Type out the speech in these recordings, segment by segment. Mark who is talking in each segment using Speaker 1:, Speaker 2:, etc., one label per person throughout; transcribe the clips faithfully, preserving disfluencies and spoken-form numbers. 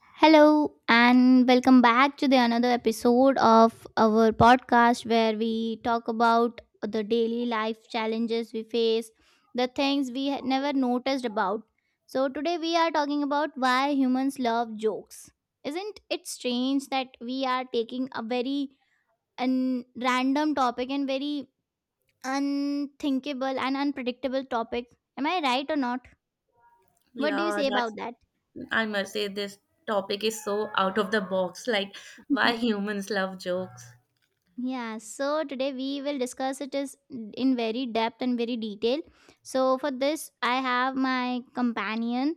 Speaker 1: Hello and welcome back to the another episode of our podcast where we talk about the daily life challenges we face, the things we had never noticed about. So today we are talking about why humans love jokes. Isn't it strange that we are taking a very un- random topic and very unthinkable and unpredictable topic? Am I right or not? What do you
Speaker 2: Yeah,
Speaker 1: say about
Speaker 2: that's,
Speaker 1: that?
Speaker 2: I must say, this topic is so out of the box. Like, why humans love jokes.
Speaker 1: Yeah, so today we will discuss it is in very depth and very detail. So for this, I have my companion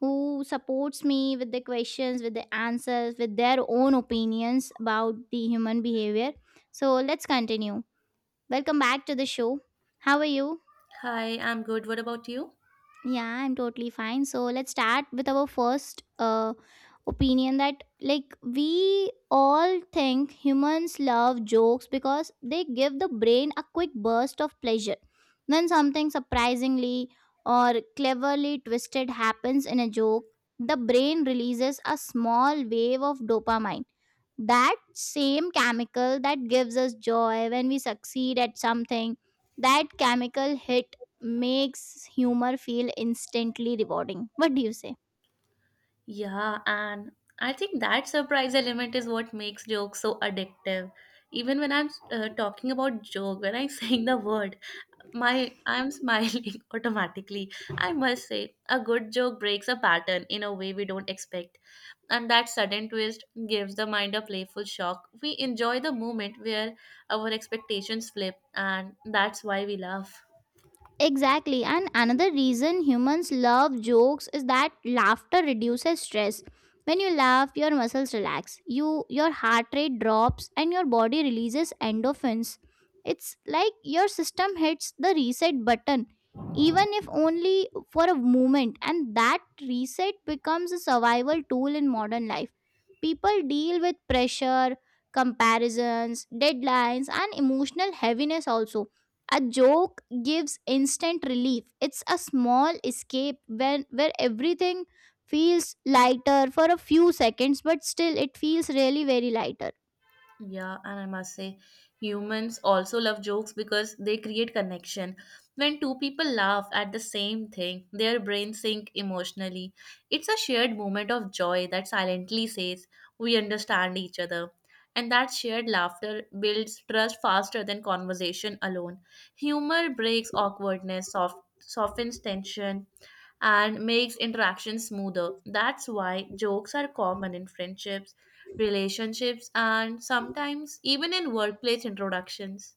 Speaker 1: who supports me with the questions, with the answers, with their own opinions about the human behavior. So let's continue. Welcome back to the show. How are you?
Speaker 2: Hi, I'm good. What about you?
Speaker 1: Yeah, I'm totally fine. So let's start with our first uh, opinion that, like, we all think humans love jokes because they give the brain a quick burst of pleasure when something surprisingly or cleverly twisted happens in a joke, the brain releases a small wave of dopamine, that same chemical that gives us joy when we succeed at something. That chemical hit makes humor feel instantly rewarding. What do you say?
Speaker 2: Yeah, and I think that surprise element is what makes jokes so addictive. Even when I'm uh, talking about joke, when I'm saying the word, my I'm smiling automatically. I must say a good joke breaks a pattern in a way we don't expect, and that sudden twist gives the mind a playful shock. We enjoy the moment where our expectations flip, and that's why we laugh.
Speaker 1: Exactly. And another reason humans love jokes is that laughter reduces stress. When you laugh, your muscles relax. You your heart rate drops and your body releases endorphins. It's like your system hits the reset button, even if only for a moment, and that reset becomes a survival tool in modern life. People deal with pressure, comparisons, deadlines and emotional heaviness also. A joke gives instant relief. It's a small escape when where everything feels lighter for a few seconds, but still it feels really very lighter.
Speaker 2: Yeah, and I must say, humans also love jokes because they create connection. When two people laugh at the same thing, their brains sink emotionally. It's a shared moment of joy that silently says, we understand each other. And that shared laughter builds trust faster than conversation alone. Humor breaks awkwardness, soft, softens tension, and makes interaction smoother. That's why jokes are common in friendships, relationships, and sometimes even in workplace introductions.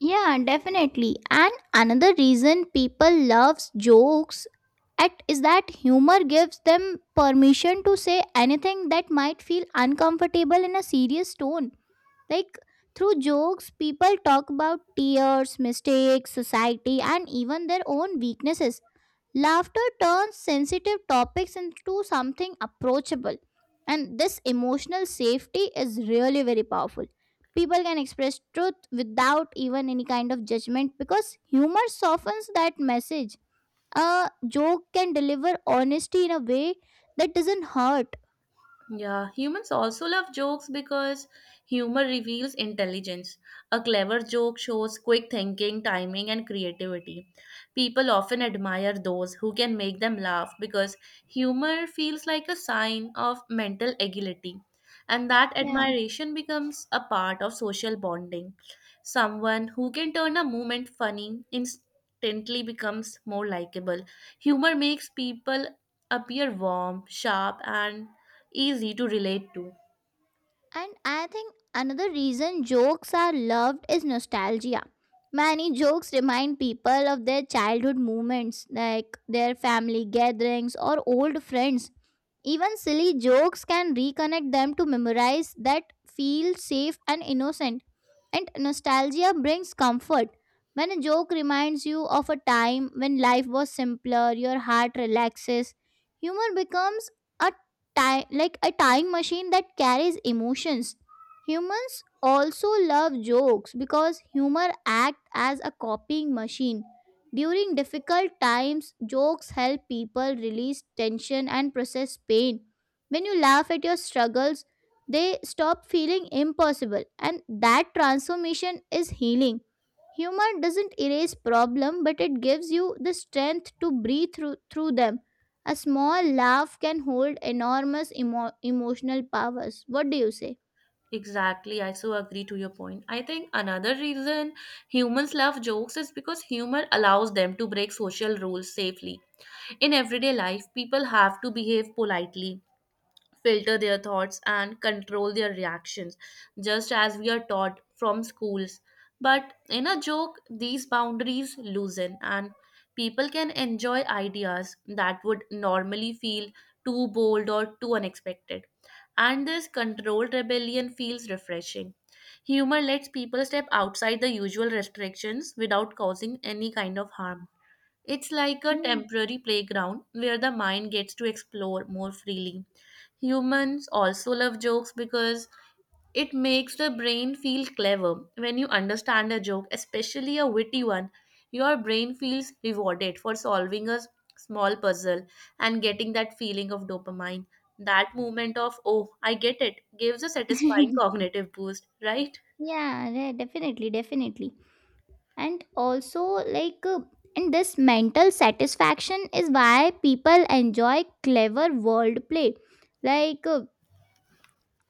Speaker 1: Yeah, definitely. And another reason people loves jokes at is that humor gives them permission to say anything that might feel uncomfortable in a serious tone. Like, through jokes, people talk about tears, mistakes, society, and even their own weaknesses. Laughter turns sensitive topics into something approachable, and this emotional safety is really very powerful. People can express truth without even any kind of judgment because humor softens that message. A joke can deliver honesty in a way that doesn't hurt.
Speaker 2: Yeah, humans also love jokes because humor reveals intelligence. A clever joke shows quick thinking, timing, and creativity. People often admire those who can make them laugh because humor feels like a sign of mental agility, and that
Speaker 1: Yeah.
Speaker 2: admiration becomes a part of social bonding. Someone who can turn a moment funny instantly becomes more likable. Humor makes people appear warm, sharp, and easy to relate to.
Speaker 1: And I think another reason jokes are loved is nostalgia. Many jokes remind people of their childhood moments, like their family gatherings or old friends. Even silly jokes can reconnect them to memorize that feel safe and innocent. And nostalgia brings comfort. When a joke reminds you of a time when life was simpler, your heart relaxes. Humor becomes a time like a time machine that carries emotions. Humans also love jokes because humor acts as a copying machine. During difficult times, jokes help people release tension and process pain. When you laugh at your struggles, they stop feeling impossible, and that transformation is healing. Humor doesn't erase problem, but it gives you the strength to breathe through, through them. A small laugh can hold enormous emo- emotional powers. What do you say?
Speaker 2: Exactly, I so agree to your point. I think another reason humans love jokes is because humor allows them to break social rules safely. In everyday life, people have to behave politely, filter their thoughts, and control their reactions, just as we are taught from schools. But in a joke, these boundaries loosen, and people can enjoy ideas that would normally feel too bold or too unexpected. And this controlled rebellion feels refreshing. Humor lets people step outside the usual restrictions without causing any kind of harm. It's like a
Speaker 1: Yeah.
Speaker 2: temporary playground where the mind gets to explore more freely. Humans also love jokes because it makes the brain feel clever. When you understand a joke, especially a witty one, your brain feels rewarded for solving a s- small puzzle and getting that feeling of dopamine. That moment of, oh, I get it, gives a satisfying cognitive boost, right?
Speaker 1: Yeah, yeah, definitely, definitely. And also, like, uh, and this mental satisfaction is why people enjoy clever wordplay. Like, uh,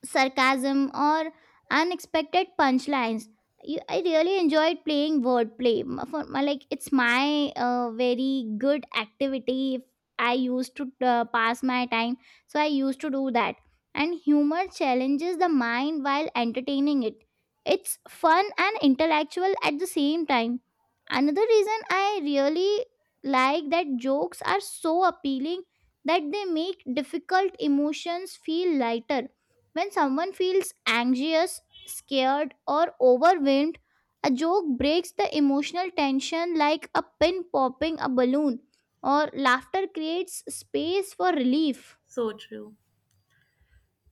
Speaker 1: sarcasm, or unexpected punchlines. You, I really enjoyed playing wordplay. M- For my, like, it's my uh, very good activity. If I used to uh, pass my time, so I used to do that. And humor challenges the mind while entertaining it. It's fun and intellectual at the same time. Another reason I really like that jokes are so appealing that they make difficult emotions feel lighter. When someone feels anxious, scared, or overwhelmed, a joke breaks the emotional tension like a pin popping a balloon, or laughter creates space for relief.
Speaker 2: So true.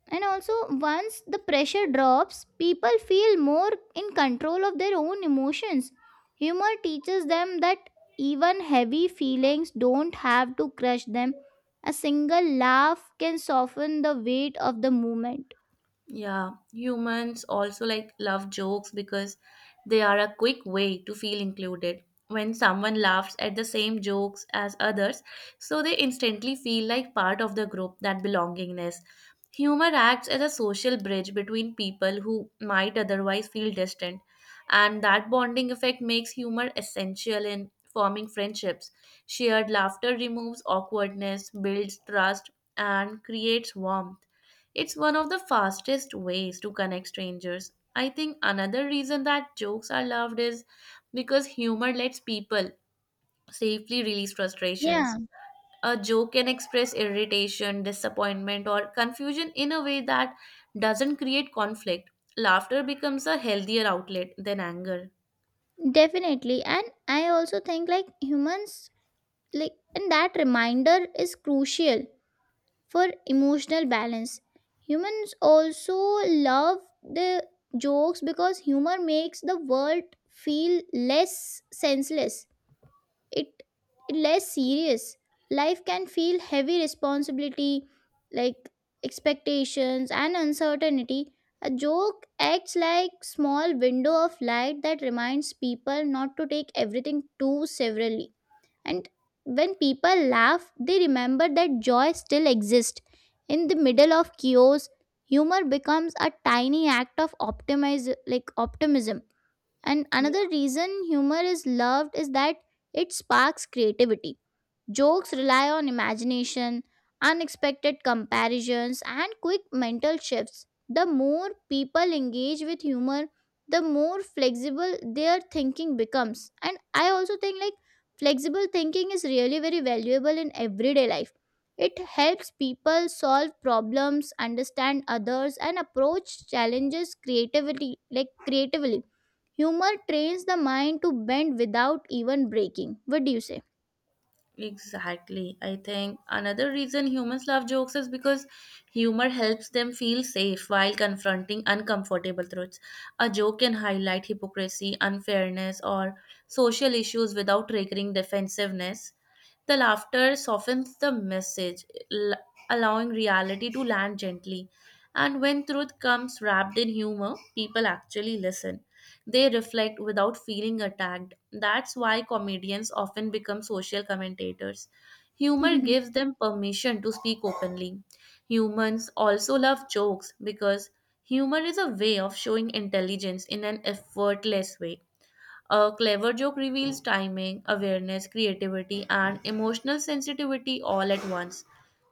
Speaker 1: And also, once the pressure drops, people feel more in control of their own emotions. Humor teaches them that even heavy feelings don't have to crush them. A single laugh can soften the weight of the moment.
Speaker 2: Yeah, humans also like love jokes because they are a quick way to feel included. When someone laughs at the same jokes as others, so they instantly feel like part of the group, that belongingness. Humor acts as a social bridge between people who might otherwise feel distant, and that bonding effect makes humor essential in forming friendships. Shared laughter removes awkwardness, builds trust, and creates warmth. It's one of the fastest ways to connect strangers. I think another reason that jokes are loved is because humor lets people safely release
Speaker 1: Yeah.
Speaker 2: frustrations. A joke can express irritation, disappointment, or confusion in a way that doesn't create conflict. Laughter becomes a healthier outlet than anger.
Speaker 1: Definitely. And I also think like humans like and that reminder is crucial for emotional balance. Humans also love the jokes because humor makes the world feel less senseless, it less serious. Life can feel heavy responsibility, like expectations and uncertainty. A joke acts like small window of light that reminds people not to take everything too severely, and when people laugh they remember that joy still exists in the middle of chaos. Humor becomes a tiny act of optimize like optimism. And another reason humor is loved is that it sparks creativity. Jokes rely on imagination, unexpected comparisons, and quick mental shifts. The more people engage with humor, the more flexible their thinking becomes. And I also think like flexible thinking is really very valuable in everyday life. It helps people solve problems, understand others, and approach challenges creativity like creatively. Humor trains the mind to bend without even breaking. What do you say?
Speaker 2: Exactly. I think another reason humans love jokes is because humor helps them feel safe while confronting uncomfortable truths. A joke can highlight hypocrisy, unfairness, or social issues without triggering defensiveness. The laughter softens the message, l- allowing reality to land gently. And when truth comes wrapped in humor, people actually listen. They reflect without feeling attacked. That's why comedians often become social commentators. Humor gives them permission to speak openly. Humans also love jokes because humor is a way of showing intelligence in an effortless way. A clever joke reveals timing, awareness, creativity, and emotional sensitivity all at once.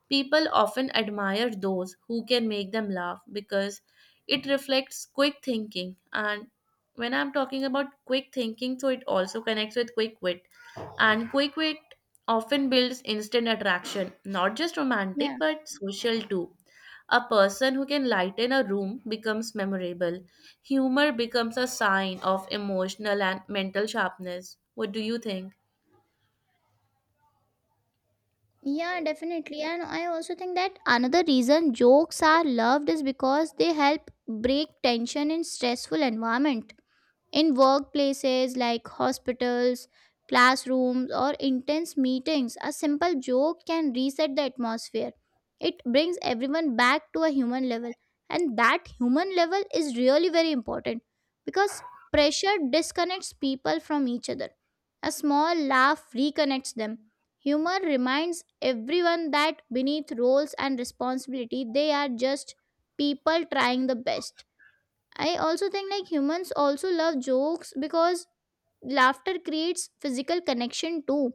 Speaker 2: People often admire those who can make them laugh because it reflects quick thinking. And when I'm talking about quick thinking, so it also connects with quick wit. And quick wit often builds instant attraction, not just romantic
Speaker 1: Yeah.
Speaker 2: but social too. A person who can lighten a room becomes memorable. Humor becomes a sign of emotional and mental sharpness. What do you think?
Speaker 1: Yeah, definitely. And I also think that another reason jokes are loved is because they help break tension in stressful environment. In workplaces like hospitals, classrooms, or intense meetings, a simple joke can reset the atmosphere. It brings everyone back to a human level, and that human level is really very important because pressure disconnects people from each other. A small laugh reconnects them. Humor reminds everyone that beneath roles and responsibility, they are just people trying the best. I also think like humans also love jokes because laughter creates physical connection too.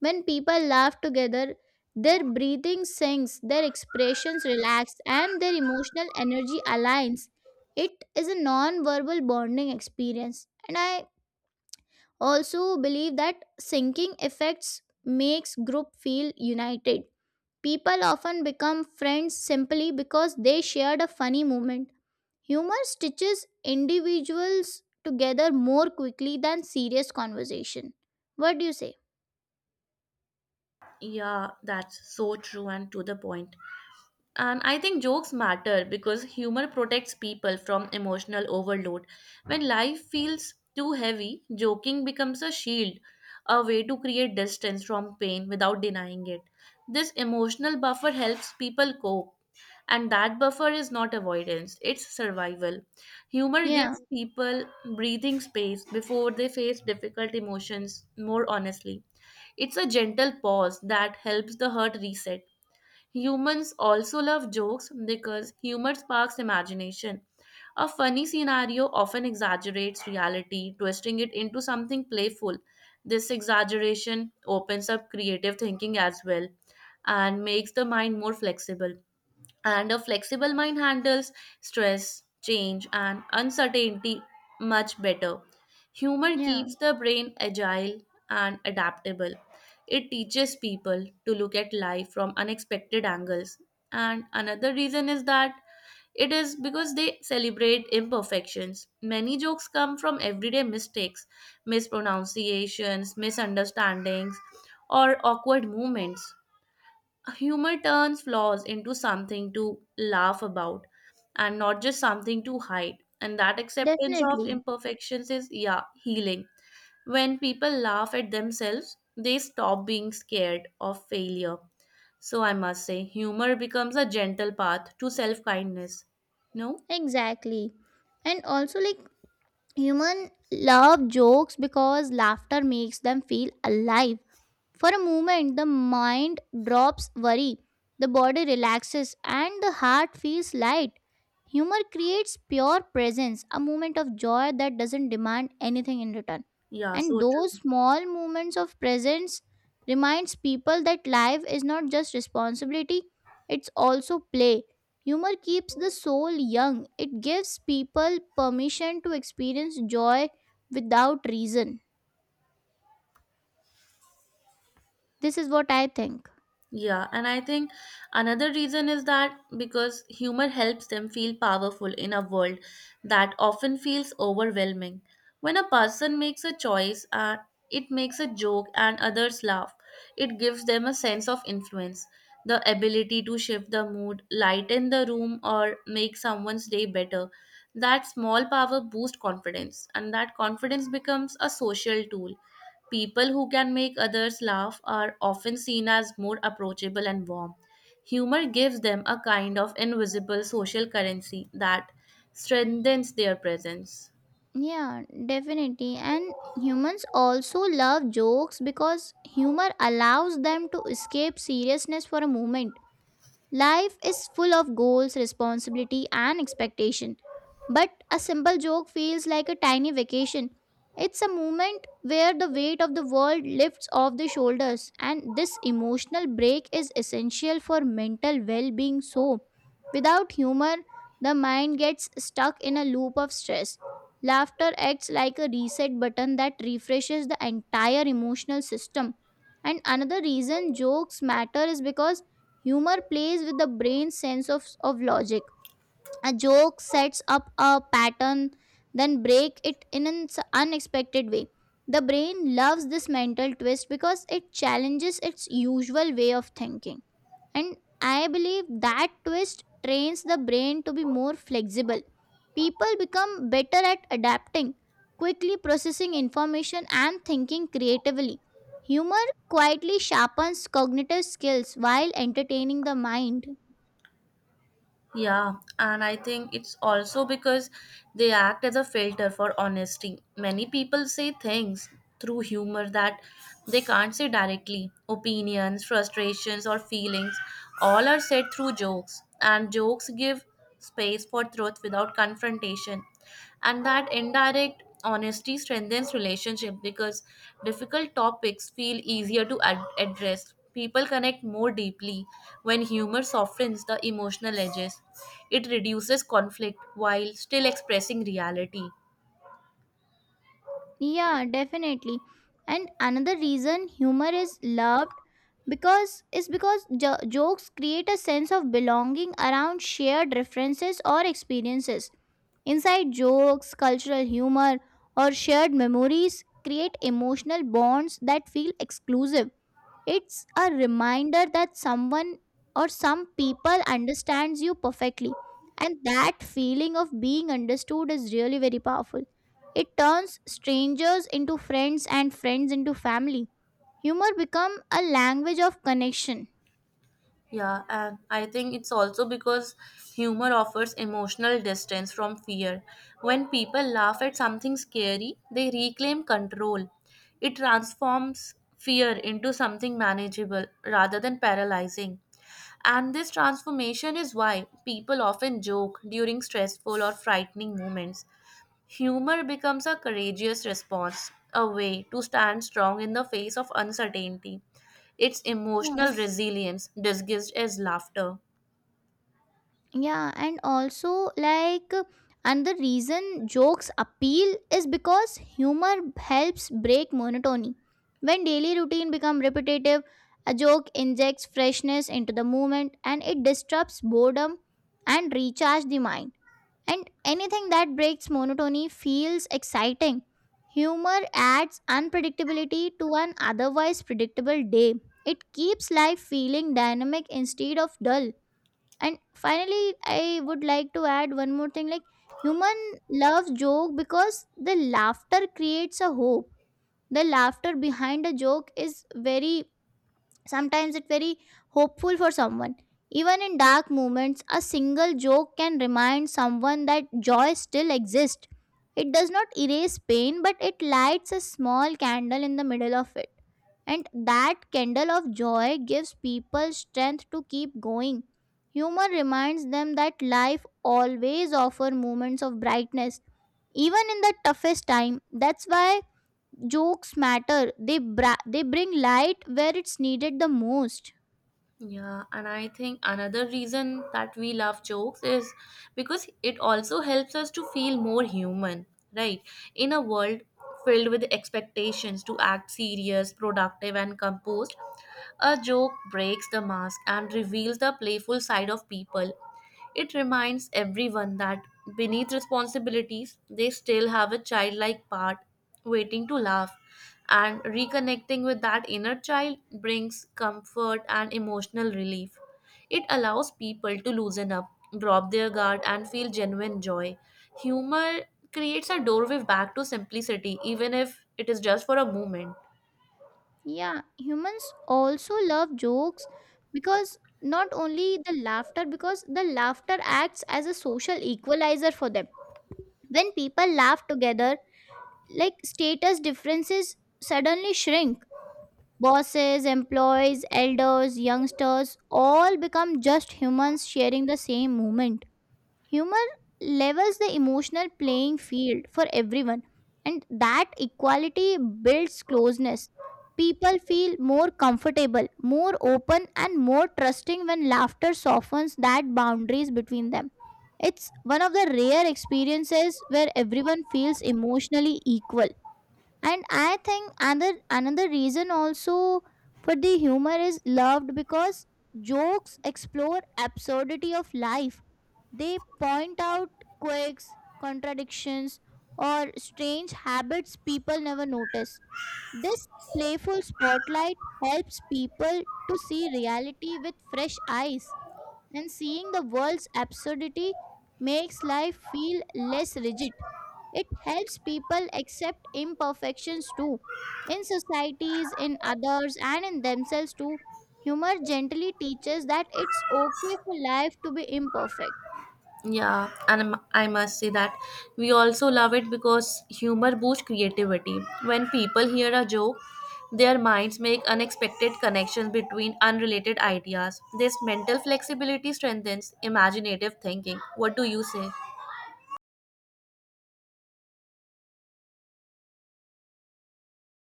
Speaker 1: When people laugh together, their breathing sinks, their expressions relax, and their emotional energy aligns. It is a non verbal bonding experience. And I also believe that syncing effects makes group feel united. People often become friends simply because they shared a funny moment. Humor stitches individuals together more quickly than serious conversation. What do you say?
Speaker 2: Yeah, that's so true and to the point. And I think jokes matter because humor protects people from emotional overload. When life feels too heavy, joking becomes a shield, a way to create distance from pain without denying it. This emotional buffer helps people cope, and that buffer is not avoidance, it's survival. Humor
Speaker 1: Yeah,
Speaker 2: gives people breathing space before they face difficult emotions more honestly. It's a gentle pause that helps the hurt reset. Humans also love jokes because humor sparks imagination. A funny scenario often exaggerates reality, twisting it into something playful. This exaggeration opens up creative thinking as well, and makes the mind more flexible, and a flexible mind handles stress, change, and uncertainty much better. Humor
Speaker 1: yeah,
Speaker 2: keeps the brain agile and adaptable. It teaches people to look at life from unexpected angles. And another reason is that it is because they celebrate imperfections. Many jokes come from everyday mistakes, mispronunciations, misunderstandings, or awkward moments. Humor turns flaws into something to laugh about and not just something to hide. And that acceptance of
Speaker 1: definitely.
Speaker 2: imperfections is, yeah, healing. When people laugh at themselves, they stop being scared of failure. So I must say, humor becomes a gentle path to self kindness. No?
Speaker 1: Exactly. And also, like, human love jokes because laughter makes them feel alive. For a moment, the mind drops worry, the body relaxes, and the heart feels light. Humor creates pure presence, a moment of joy that doesn't demand anything in return.
Speaker 2: Yeah,
Speaker 1: And
Speaker 2: so true.
Speaker 1: those small moments of presence reminds people that life is not just responsibility, it's also play. Humor keeps the soul young. It gives people permission to experience joy without reason. This is what I think.
Speaker 2: Yeah, and I think another reason is that because humor helps them feel powerful in a world that often feels overwhelming. When a person makes a choice, uh, it makes a joke and others laugh. It gives them a sense of influence, the ability to shift the mood, lighten the room, or make someone's day better. That small power boosts confidence, and that confidence becomes a social tool. People who can make others laugh are often seen as more approachable and warm. Humor gives them a kind of invisible social currency that strengthens their presence.
Speaker 1: Yeah, definitely. And humans also love jokes because humor allows them to escape seriousness for a moment. Life is full of goals, responsibility, and expectation. But a simple joke feels like a tiny vacation. It's a moment where the weight of the world lifts off the shoulders, and this emotional break is essential for mental well being. So, without humor, the mind gets stuck in a loop of stress. Laughter acts like a reset button that refreshes the entire emotional system. And another reason jokes matter is because humor plays with the brain's sense of, of logic. A joke sets up a pattern, then break it in an s- unexpected way. The brain loves this mental twist because it challenges its usual way of thinking. And I believe that twist trains the brain to be more flexible. People become better at adapting, quickly processing information, and thinking creatively. Humor quietly sharpens cognitive skills while entertaining the mind.
Speaker 2: Yeah, and I think it's also because they act as a filter for honesty. Many people say things through humor that they can't say directly. Opinions, frustrations, or feelings all are said through jokes, and jokes give space for truth without confrontation. And that indirect honesty strengthens relationship because difficult topics feel easier to ad- address. People connect more deeply when humor softens the emotional edges. It reduces conflict while still expressing reality.
Speaker 1: Yeah, definitely. And another reason humor is loved because is because jo- jokes create a sense of belonging around shared references or experiences. Inside jokes, cultural humor, or shared memories create emotional bonds that feel exclusive. It's a reminder that someone or some people understands you perfectly. And that feeling of being understood is really very powerful. It turns strangers into friends and friends into family. Humor become a language of connection.
Speaker 2: Yeah, and I think it's also because humor offers emotional distance from fear. When people laugh at something scary, they reclaim control. It transforms fear into something manageable rather than paralyzing. And this transformation is why people often joke during stressful or frightening moments. Humor becomes a courageous response, a way to stand strong in the face of uncertainty. It's emotional resilience disguised as laughter.
Speaker 1: Yeah, and also like another reason jokes appeal is because humor helps break monotony. When daily routine become repetitive, a joke injects freshness into the movement and it disrupts boredom and recharge the mind. And anything that breaks monotony feels exciting. Humor adds unpredictability to an otherwise predictable day. It keeps life feeling dynamic instead of dull. And finally, I would like to add one more thing like human loves joke because the laughter creates a hope. The laughter behind a joke is very, sometimes it's very hopeful for someone. Even in dark moments a single joke can remind someone that joy still exists. It does not erase pain but it lights a small candle in the middle of it, and that candle of joy gives people strength to keep going. Humor reminds them that life always offers moments of brightness even in the toughest time. That's why jokes matter. They bra- they bring light where it's needed the most.
Speaker 2: Yeah, and I think another reason that we love jokes is because it also helps us to feel more human, right? In a world filled with expectations to act serious, productive, and composed, a joke breaks the mask and reveals the playful side of people. It reminds everyone that beneath responsibilities, they still have a childlike part waiting to laugh, and reconnecting with that inner child brings comfort and emotional relief. It allows people to loosen up, drop their guard, and feel genuine joy. Humor creates a doorway back to simplicity, even if it is just for a moment.
Speaker 1: Yeah, humans also love jokes because not only the laughter, because the laughter acts as a social equalizer for them. When people laugh together, like status differences suddenly shrink. Bosses, employees, elders, youngsters all become just humans sharing the same moment. Humor levels the emotional playing field for everyone, and that equality builds closeness. People feel more comfortable, more open, and more trusting when laughter softens that boundaries between them. It's one of the rare experiences where everyone feels emotionally equal. And I think another another reason also for the humor is loved because jokes explore absurdity of life. They point out quirks, contradictions, or strange habits people never notice. This playful spotlight helps people to see reality with fresh eyes, and seeing the world's absurdity makes life feel less rigid. It helps people accept imperfections too. In societies, in others, and in themselves too, humor gently teaches that it's okay for life to be imperfect.
Speaker 2: Yeah, and I'm- I must say that we also love it because humor boosts creativity. When people hear a joke, their minds make unexpected connections between unrelated ideas. This mental flexibility strengthens imaginative thinking. What do you say?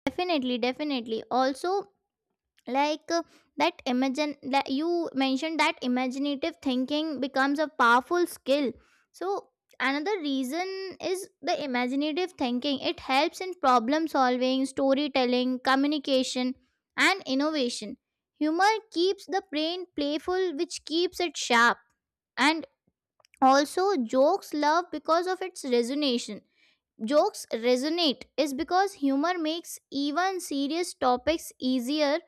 Speaker 1: Definitely, definitely. Also, like uh, that imagine that you mentioned that imaginative thinking becomes a powerful skill. So another reason is the imaginative thinking. It helps in problem solving, storytelling, communication, and innovation. Humor keeps the brain playful, which keeps it sharp. And also, jokes love because of its resonation jokes resonate is because humor makes even serious topics easier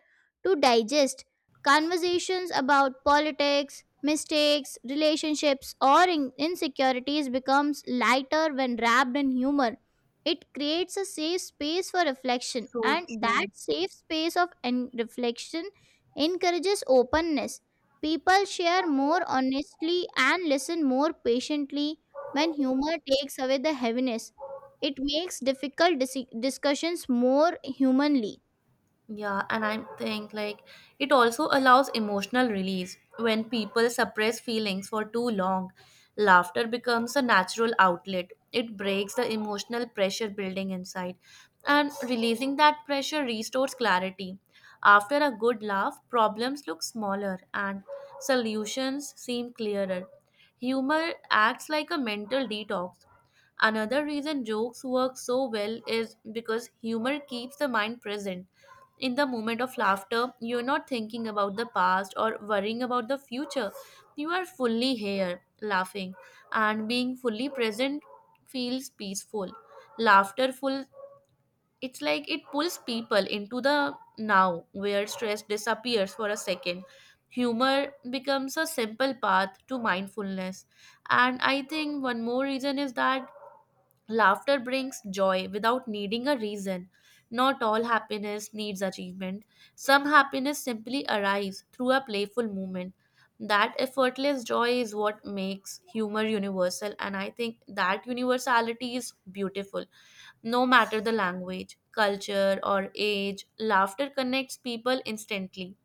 Speaker 1: to digest. Conversations about politics, mistakes, relationships or in- insecurities becomes lighter when wrapped in humor. It creates a safe space for reflection,
Speaker 2: So
Speaker 1: and that
Speaker 2: true.
Speaker 1: safe space of en- reflection encourages openness. People share more honestly and listen more patiently when humor takes away the heaviness. It makes difficult dis- discussions more humanly.
Speaker 2: Yeah, and I think like it also allows emotional release. When people suppress feelings for too long, laughter becomes a natural outlet. It breaks the emotional pressure building inside, and releasing that pressure restores clarity. After a good laugh, problems look smaller and solutions seem clearer. Humor acts like a mental detox. Another reason jokes work so well is because humor keeps the mind present. In the moment of laughter, you're not thinking about the past or worrying about the future. You are fully here, laughing, and being fully present feels peaceful. Laughterful, it's like it pulls people into the now where stress disappears for a second. Humor becomes a simple path to mindfulness. And I think one more reason is that laughter brings joy without needing a reason. Not all happiness needs achievement. Some happiness simply arrives through a playful moment. That effortless joy is what makes humor universal, and I think that universality is beautiful. No matter the language, culture, or age, laughter connects people instantly.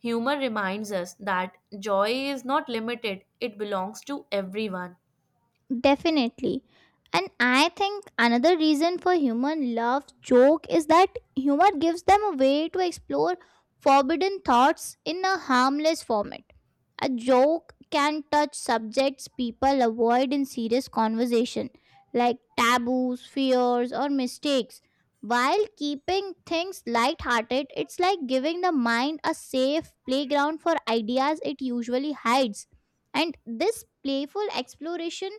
Speaker 2: Humor reminds us that joy is not limited, it belongs to everyone.
Speaker 1: Definitely. And I think another reason for human love joke is that humor gives them a way to explore forbidden thoughts in a harmless format. A joke can touch subjects people avoid in serious conversation, like taboos, fears, or mistakes. While keeping things lighthearted, it's like giving the mind a safe playground for ideas it usually hides. And this playful exploration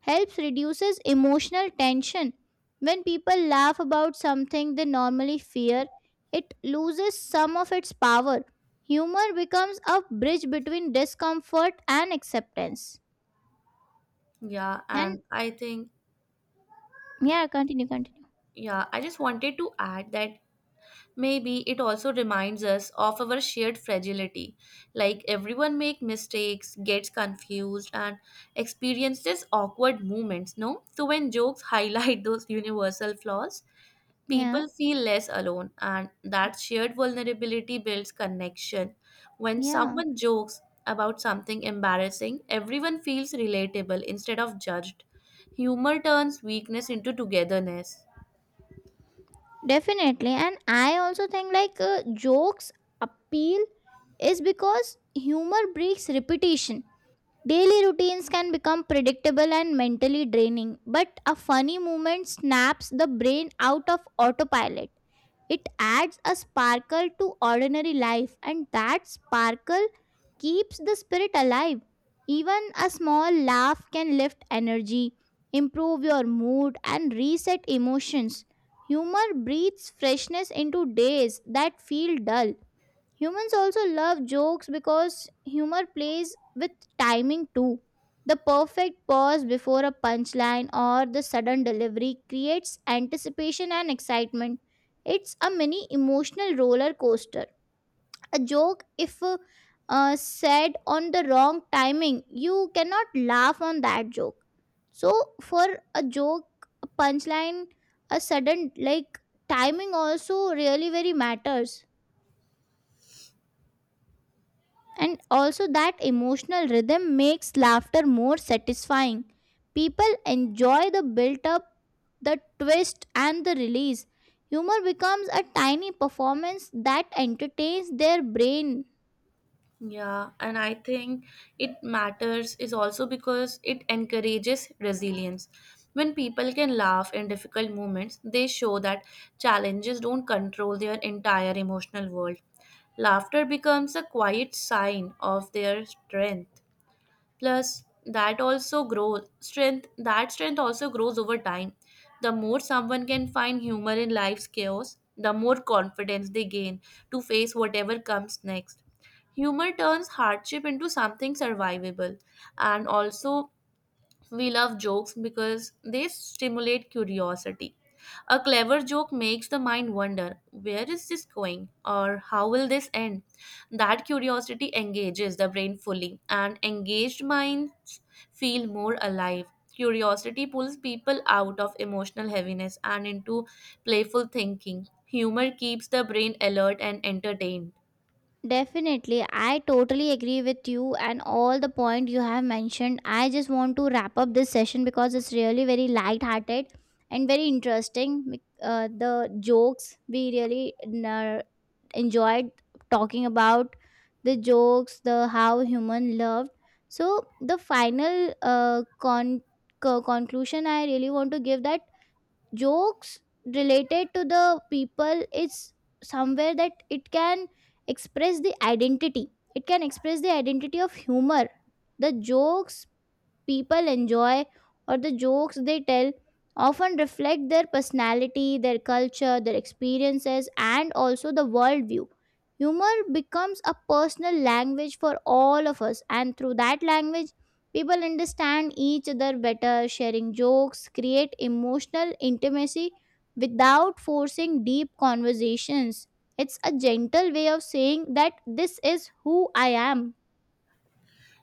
Speaker 1: helps reduces emotional tension. When people laugh about something they normally fear, it loses some of its power. Humor becomes a bridge between discomfort and acceptance.
Speaker 2: Yeah,
Speaker 1: And
Speaker 2: and I think
Speaker 1: yeah, continue continue
Speaker 2: Yeah, I just wanted to add that maybe it also reminds us of our shared fragility. Like everyone make mistakes, gets confused, and experiences awkward moments, no? So when jokes highlight those universal flaws,
Speaker 1: Yeah,
Speaker 2: people feel less alone, and that shared vulnerability builds connection. When
Speaker 1: yeah,
Speaker 2: someone jokes about something embarrassing, everyone feels relatable instead of judged. Humor turns weakness into togetherness.
Speaker 1: definitely. And I also think like uh, jokes appeal is because humor breaks repetition. Daily routines can become predictable and mentally draining, but a funny moment snaps the brain out of autopilot. It adds a sparkle to ordinary life, and that sparkle keeps the spirit alive. Even a small laugh can lift energy, improve your mood, and reset emotions. Humor breathes freshness into days that feel dull. Humans also love jokes because humor plays with timing too. The perfect pause before a punchline or the sudden delivery creates anticipation and excitement. It's a mini emotional roller coaster. A joke, if uh, uh, said on the wrong timing, you cannot laugh on that joke. So, for a joke, a punchline, a sudden like timing also really very matters. And also, that emotional rhythm makes laughter more satisfying. People enjoy the built up, the twist, and the release. Humor becomes a tiny performance that entertains their brain.
Speaker 2: Yeah, and I think it matters is also because it encourages resilience. When people can laugh in difficult moments, they show that challenges don't control their entire emotional world. Laughter becomes a quiet sign of their strength. Plus that also grows strength that strength also grows over time. The more someone can find humor in life's chaos, the more confidence they gain to face whatever comes next. Humor turns hardship into something survivable. And also, we love jokes because they stimulate curiosity. A clever joke makes the mind wonder, where is this going, or how will this end? That curiosity engages the brain fully, and engaged minds feel more alive. Curiosity pulls people out of emotional heaviness and into playful thinking. Humor keeps the brain alert and entertained.
Speaker 1: Definitely, I totally agree with you and all the point you have mentioned. I just want to wrap up this session because it's really very light-hearted and very interesting. Mic- Uh, the jokes we really uh, enjoyed talking about the jokes, the how human loved. So the final uh, con- co- conclusion I really want to give that jokes related to the people is somewhere that it can express the identity. It can express the identity of humor. The jokes people enjoy or the jokes they tell often reflect their personality, their culture, their experiences, and also the worldview. Humor becomes a personal language for all of us, and through that language, people understand each other better, sharing jokes, create emotional intimacy without forcing deep conversations. It's a gentle way of saying that this is who I am.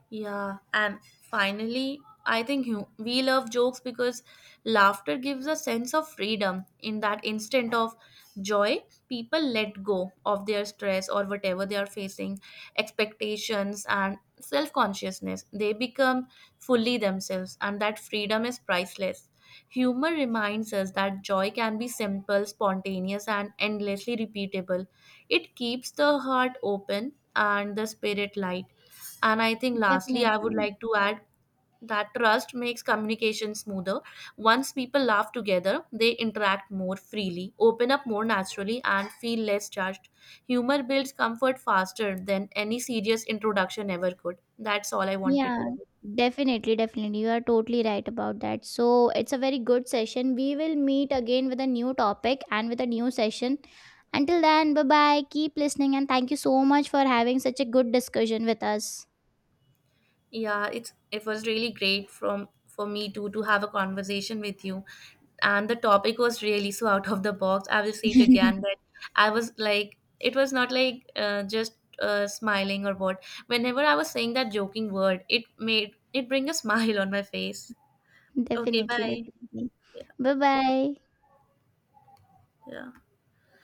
Speaker 2: Yeah, and finally, I think hu- we love jokes because laughter gives a sense of freedom. In that instant of joy, people let go of their stress or whatever they are facing, expectations, and self consciousness. They become fully themselves, and that freedom is priceless. Humor reminds us that joy can be simple, spontaneous, and endlessly repeatable. It keeps the heart open and the spirit light, and I think lastly, I would
Speaker 1: Definitely.
Speaker 2: like to add that trust makes communication smoother. Once people laugh together, they interact more freely, open up more naturally, and feel less judged. Humor builds comfort faster than any serious introduction ever could. That's all I wanted
Speaker 1: Yeah,
Speaker 2: to.
Speaker 1: definitely, definitely. You are totally right about that. So it's a very good session. We will meet again with a new topic and with a new session. Until then, bye bye. Keep listening and thank you so much for having such a good discussion with us.
Speaker 2: Yeah, it's it was really great from for me too to have a conversation with you. And the topic was really so out of the box. I will say it again that I was like, it was not like uh, just uh, smiling or what. Whenever I was saying that joking word, it made it bring a smile on my face. Okay,
Speaker 1: Definitely,
Speaker 2: bye.
Speaker 1: definitely.
Speaker 2: Yeah,
Speaker 1: Bye bye.
Speaker 2: yeah.